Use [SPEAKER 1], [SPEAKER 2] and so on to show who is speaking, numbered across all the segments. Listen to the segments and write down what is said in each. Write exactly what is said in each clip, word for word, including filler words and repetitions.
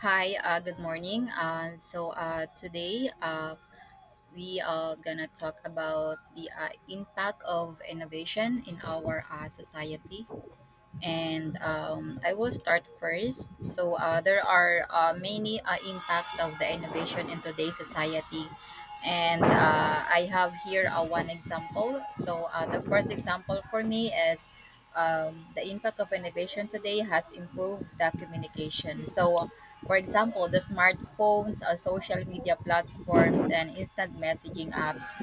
[SPEAKER 1] Hi, uh, good morning. Uh, so uh, today uh, we are gonna talk about the uh, impact of innovation in our uh, society, and um, I will start first. So uh, there are uh, many uh, impacts of the innovation in today's society, and uh, I have here uh, one example. So uh, the first example for me is um, the impact of innovation today has improved the communication. So, for example, the smartphones, uh, social media platforms, and instant messaging apps,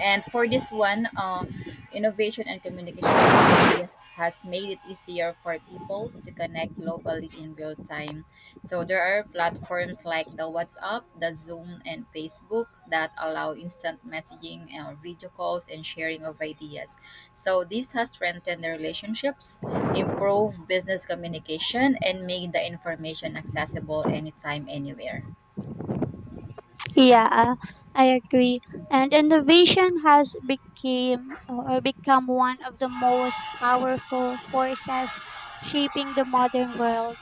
[SPEAKER 1] and for this one, uh, innovation and communication technology has made it easier for people to connect globally in real time. So there are platforms like the WhatsApp, the Zoom, and Facebook that allow instant messaging and video calls and sharing of ideas. So this has strengthened the relationships, improved business communication, and made the information accessible anytime, anywhere.
[SPEAKER 2] Yeah, I agree. And innovation has became or become one of the most powerful forces shaping the modern world.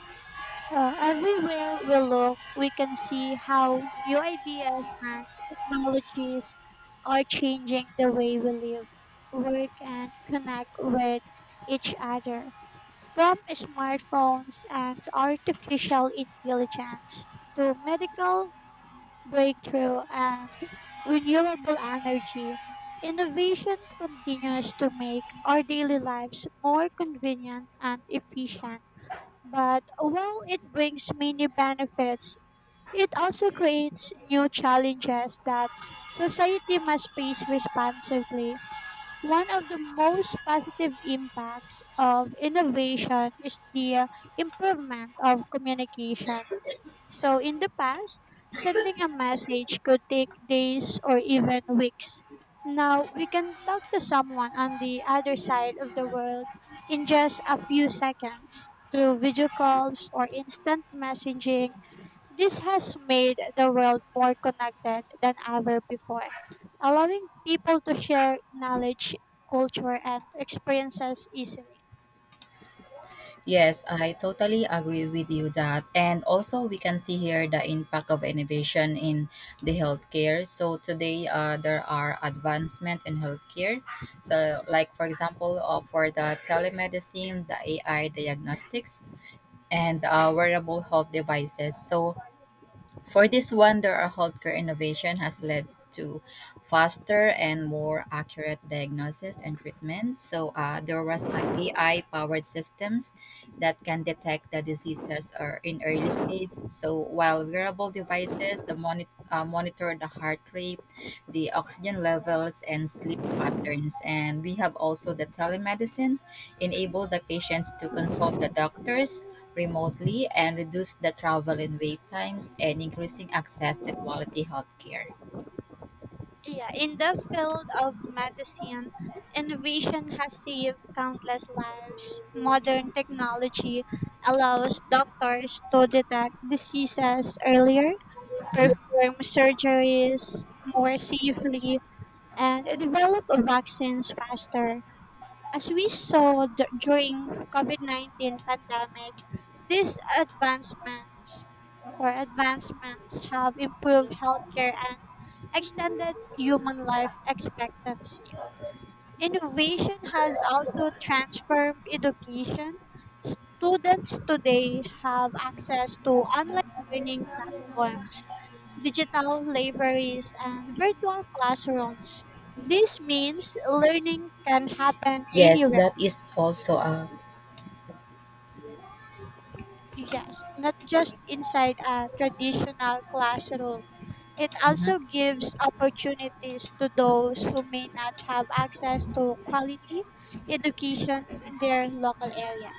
[SPEAKER 2] Uh, everywhere we look, we can see how new ideas and technologies are changing the way we live, work, and connect with each other. From smartphones and artificial intelligence to medical breakthrough, and renewable energy, innovation continues to make our daily lives more convenient and efficient. But while it brings many benefits, it also creates new challenges that society must face responsibly. One of the most positive impacts of innovation is the uh, improvement of communication. So, in the past, sending a message could take days or even weeks. Now, we can talk to someone on the other side of the world in just a few seconds through video calls or instant messaging. This has made the world more connected than ever before, allowing people to share knowledge, culture, and experiences easily.
[SPEAKER 1] Yes, I totally agree with you that. And also we can see here the impact of innovation in the healthcare. So today uh, there are advancement in healthcare. So like, for example, uh, for the telemedicine, the A I diagnostics, and uh, wearable health devices. So for this wonder, our healthcare innovation has led to faster and more accurate diagnosis and treatment. So uh, there was a AI-powered systems that can detect the diseases or in early stage. So while wearable devices, the monitor uh, monitor the heart rate, the oxygen levels, and sleep patterns. And we have also the telemedicine, enable the patients to consult the doctors remotely and reduce the travel and wait times and increasing access to quality healthcare.
[SPEAKER 2] Yeah, in the field of medicine, innovation has saved countless lives. Modern technology allows doctors to detect diseases earlier,
[SPEAKER 1] Mhm.
[SPEAKER 2] perform surgeries more safely, and develop vaccines faster. As we saw d- during COVID nineteen pandemic, these advancements or advancements have improved healthcare and extended human life expectancy. Innovation has also transformed education. Students today have access to online learning platforms, digital libraries, and virtual classrooms. This means learning can happen
[SPEAKER 1] Yes,
[SPEAKER 2] anywhere.
[SPEAKER 1] that is also a
[SPEAKER 2] Yes, not just inside a traditional classroom. It
[SPEAKER 1] mhm.
[SPEAKER 2] also gives opportunities to those who may not have access to quality education in their local area.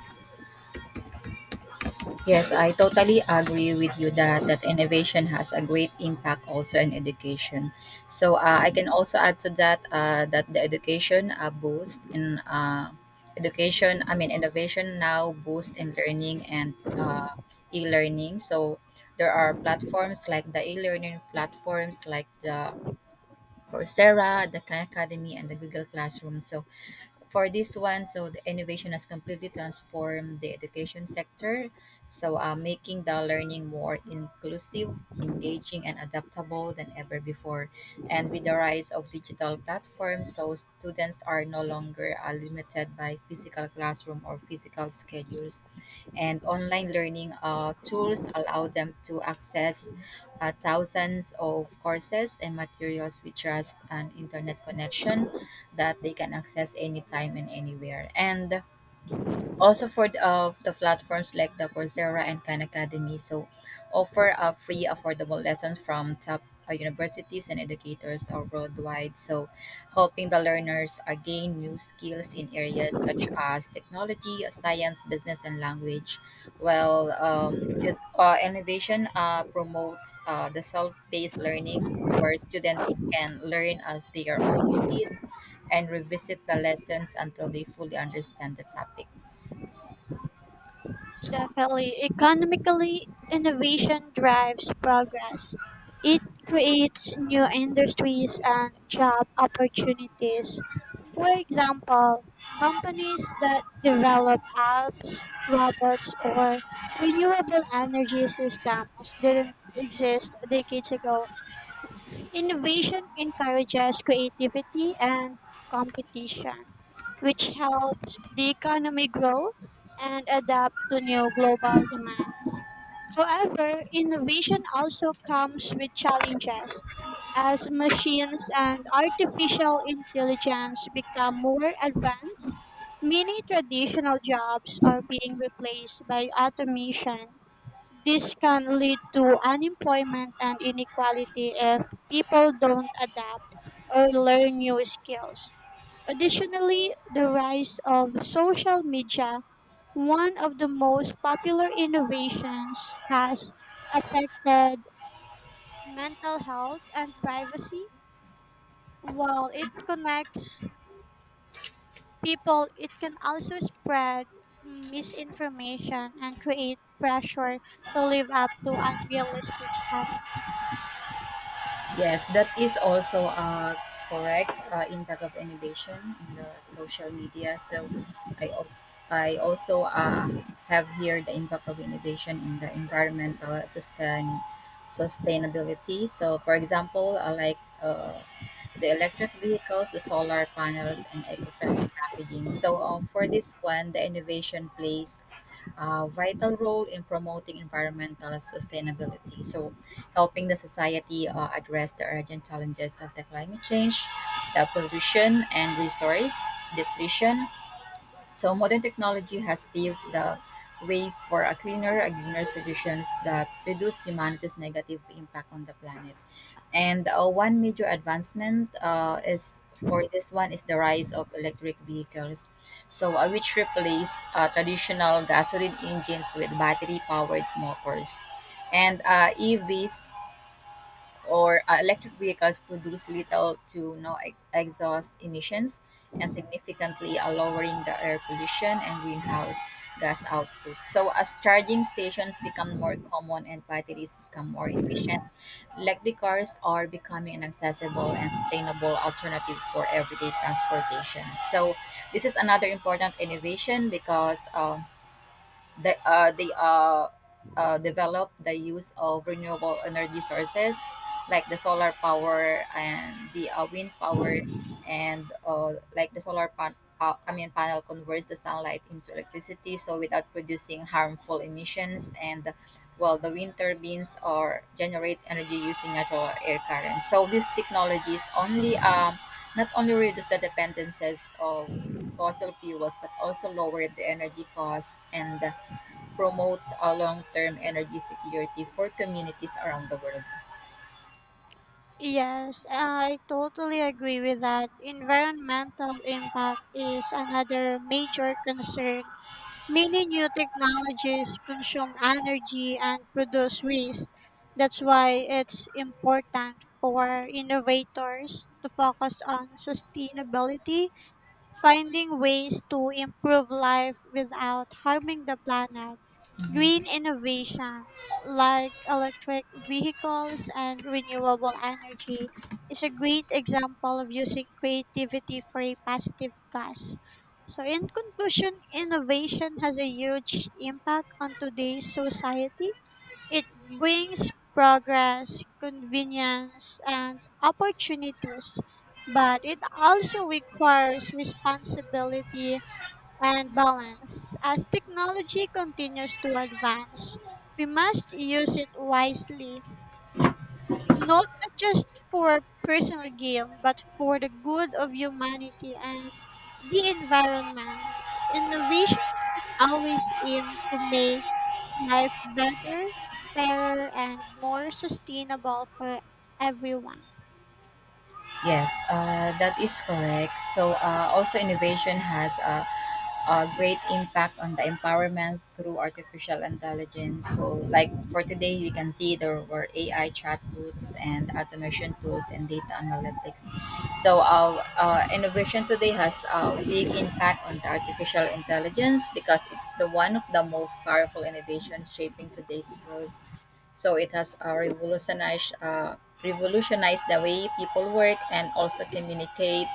[SPEAKER 1] Yes, I totally agree with you that that innovation has a great impact also in education. So uh, I can also add to that uh, that the education uh, boost in uh, education, I mean innovation now boost in learning and uh, e-learning. So there are platforms like the e-learning platforms like the Coursera, the Khan Academy, and the Google Classroom. So for this one, so the innovation has completely transformed the education sector. So, uh, making the learning more inclusive, engaging, and adaptable than ever before. And with the rise of digital platforms, so students are no longer uh, limited by physical classroom or physical schedules. And online learning uh, tools allow them to access uh, thousands of courses and materials with just an internet connection that they can access anytime and anywhere. And also for the, of the platforms like the Coursera and Khan Academy, so offer a free, affordable lessons from top uh, universities and educators uh, worldwide. So helping the learners uh, gain new skills in areas such as technology, uh, science, business, and language. Well, um, is, uh, innovation uh, promotes uh, the self-paced learning where students can learn at their own speed and revisit the lessons until they fully understand the topic.
[SPEAKER 2] Definitely. Economically, innovation drives progress. It creates new industries and job opportunities. For example, companies that develop apps, robots, or renewable energy systems didn't exist decades ago. Innovation encourages creativity and competition, which helps the economy grow and adapt to new global demands. However, innovation also comes with challenges as machines and artificial intelligence become more advanced. Many traditional jobs are being replaced by automation. This can lead to unemployment and inequality if people don't adapt or learn new skills. Additionally, the rise of social media, one of the most popular innovations, has affected mental health and privacy. While it connects people, it can also spread misinformation and create pressure to live up to unrealistic standards.
[SPEAKER 1] Yes, that is also uh, correct uh, impact of innovation in the social media. So I, al- I also uh, have here the impact of innovation in the environmental sustain, sustainability. So for example, uh, like uh, the electric vehicles, the solar panels, and eco-friendly packaging. So uh, for this one, the innovation plays a vital role in promoting environmental sustainability. So, helping the society uh, address the urgent challenges of the climate change, the pollution, and resource depletion. So, modern technology has paved the way for a cleaner, a greener solutions that reduce humanity's negative impact on the planet. And uh, one major advancement uh, is for this one is the rise of electric vehicles, so uh, which replaced uh, traditional gasoline engines with battery-powered motors, and uh, E Vs or uh, electric vehicles produce little to no e- exhaust emissions and significantly are lowering the air pollution and greenhouse gas output. So as charging stations become more common and batteries become more efficient, electric cars are becoming an accessible and sustainable alternative for everyday transportation. So this is another important innovation because um, they, uh, they uh, uh, develop the use of renewable energy sources like the solar power and the uh, wind power, and uh, like the solar pan- pa- I mean panel converts the sunlight into electricity so without producing harmful emissions. And well, the wind turbines or generate energy using natural air currents, so these technologies only um, not only reduce the dependencies of fossil fuels but also lower the energy cost and promote a long-term energy security for communities around the world.
[SPEAKER 2] Yes, I totally agree with that. Environmental impact is another major concern. Many new technologies consume energy and produce waste. That's why it's important for innovators to focus on sustainability, finding ways to improve life without harming the planet. Green
[SPEAKER 1] Mhm.
[SPEAKER 2] innovation like electric vehicles and renewable energy is a great example of using creativity for a positive cause. So in conclusion, innovation has a huge impact on today's society. It brings progress, convenience, and opportunities, but it also requires responsibility and balance. As technology continues to advance, we must use it wisely, not, not just for personal gain, but for the good of humanity and the environment. Innovation should always aim to make life better, fairer, and more sustainable for everyone.
[SPEAKER 1] Yes, uh, that is correct. So uh, also innovation has a, a great impact on the empowerment through artificial intelligence. So like, for today, we can see there were A I chatbots and automation tools and data analytics. So our uh, innovation today has a big impact on the artificial intelligence because it's the one of the most powerful innovations shaping today's world. So it has uh, revolutionized uh, revolutionized the way people work and also communicate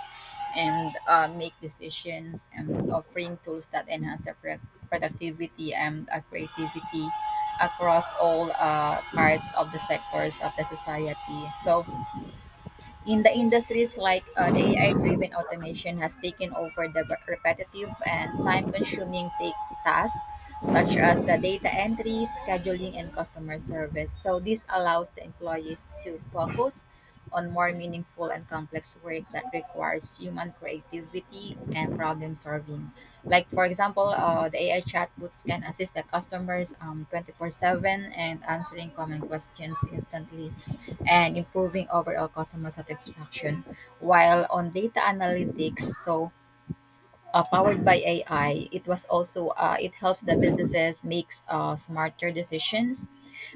[SPEAKER 1] and uh, make decisions and offering tools that enhance their pro- productivity and uh, creativity across all uh, parts of the sectors of the society. So in the industries like uh, the A I driven automation has taken over the re- repetitive and time consuming take tasks such as the data entry, scheduling, and customer service. So, this allows the employees to focus on more meaningful and complex work that requires human creativity and problem solving. Like, for example, uh, the A I chatbots can assist the customers um, twenty-four seven and answering common questions instantly and improving overall customer satisfaction. While on data analytics, so uh, powered by A I, it was also uh, it helps the businesses makes uh, smarter decisions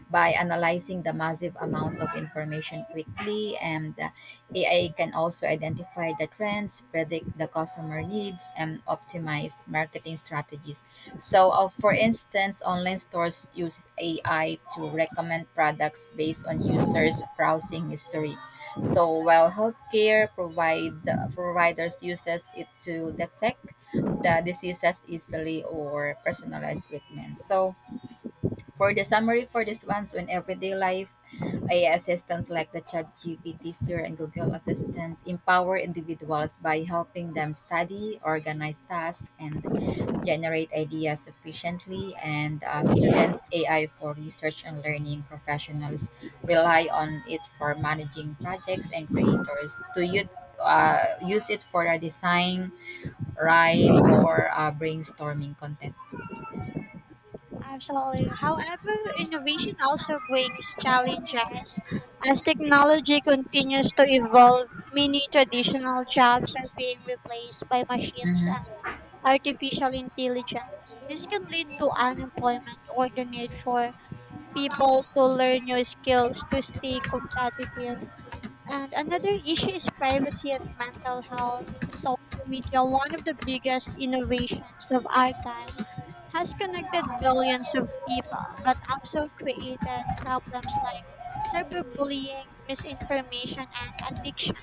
[SPEAKER 1] by analyzing the massive amounts of information quickly, and uh, A I can also identify the trends, predict the customer needs, and optimize marketing strategies. So, uh, for instance, online stores use A I to recommend products based on users' browsing history. So, while healthcare provide providers uses it to detect the diseases easily or personalized treatment. So, for the summary for this one, so in everyday life, A I assistants like the ChatGPT, Siri, and Google Assistant empower individuals by helping them study, organize tasks, and generate ideas efficiently. And uh, students' A I for research and learning professionals rely on it for managing projects and creators to use, uh, use it for a design, write, or uh, brainstorming content.
[SPEAKER 2] Absolutely. However, innovation also brings challenges. As technology continues to evolve, many traditional jobs are being replaced by machines
[SPEAKER 1] Mhm.
[SPEAKER 2] and artificial intelligence. This can lead to unemployment or the need for people to learn new skills to stay competitive. And another issue is privacy and mental health. Social media, one of the biggest innovations of our time, has connected billions of people, but also created problems like cyberbullying, misinformation, and addiction.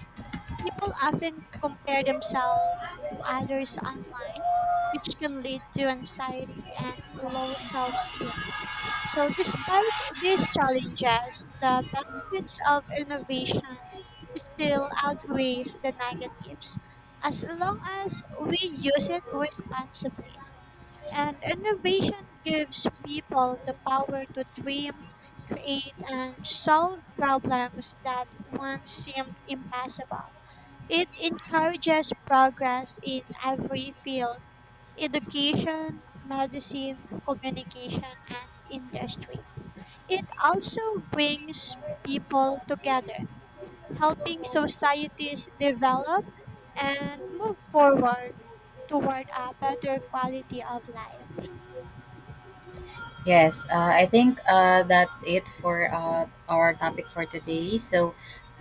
[SPEAKER 2] People often compare themselves to others online, which can lead to anxiety and low self esteem. So, despite these challenges, the benefits of innovation still outweigh the negatives as long as we use it responsibly. And innovation gives people the power to dream, create, and solve problems that once seemed impossible. It encourages progress in every field: education, medicine, communication, and industry. It also brings people together, helping societies develop and move forward toward a better quality of life.
[SPEAKER 1] Yes, uh, I think uh, that's it for uh, our topic for today. So,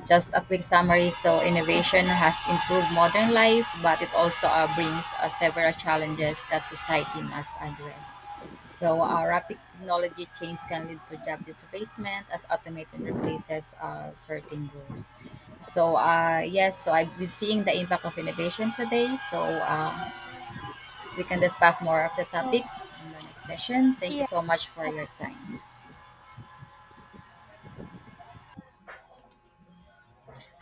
[SPEAKER 1] just a quick summary. So, innovation has improved modern life, but it also uh, brings uh, several challenges that society must address. So, uh, rapid technology change can lead to job displacement as automation replaces uh, certain roles. So, uh, yes, so I've been seeing the impact of innovation today. So, uh, we can discuss more of the
[SPEAKER 2] So,
[SPEAKER 1] topic in the next session. Thank you
[SPEAKER 2] yeah.
[SPEAKER 1] so much for your time.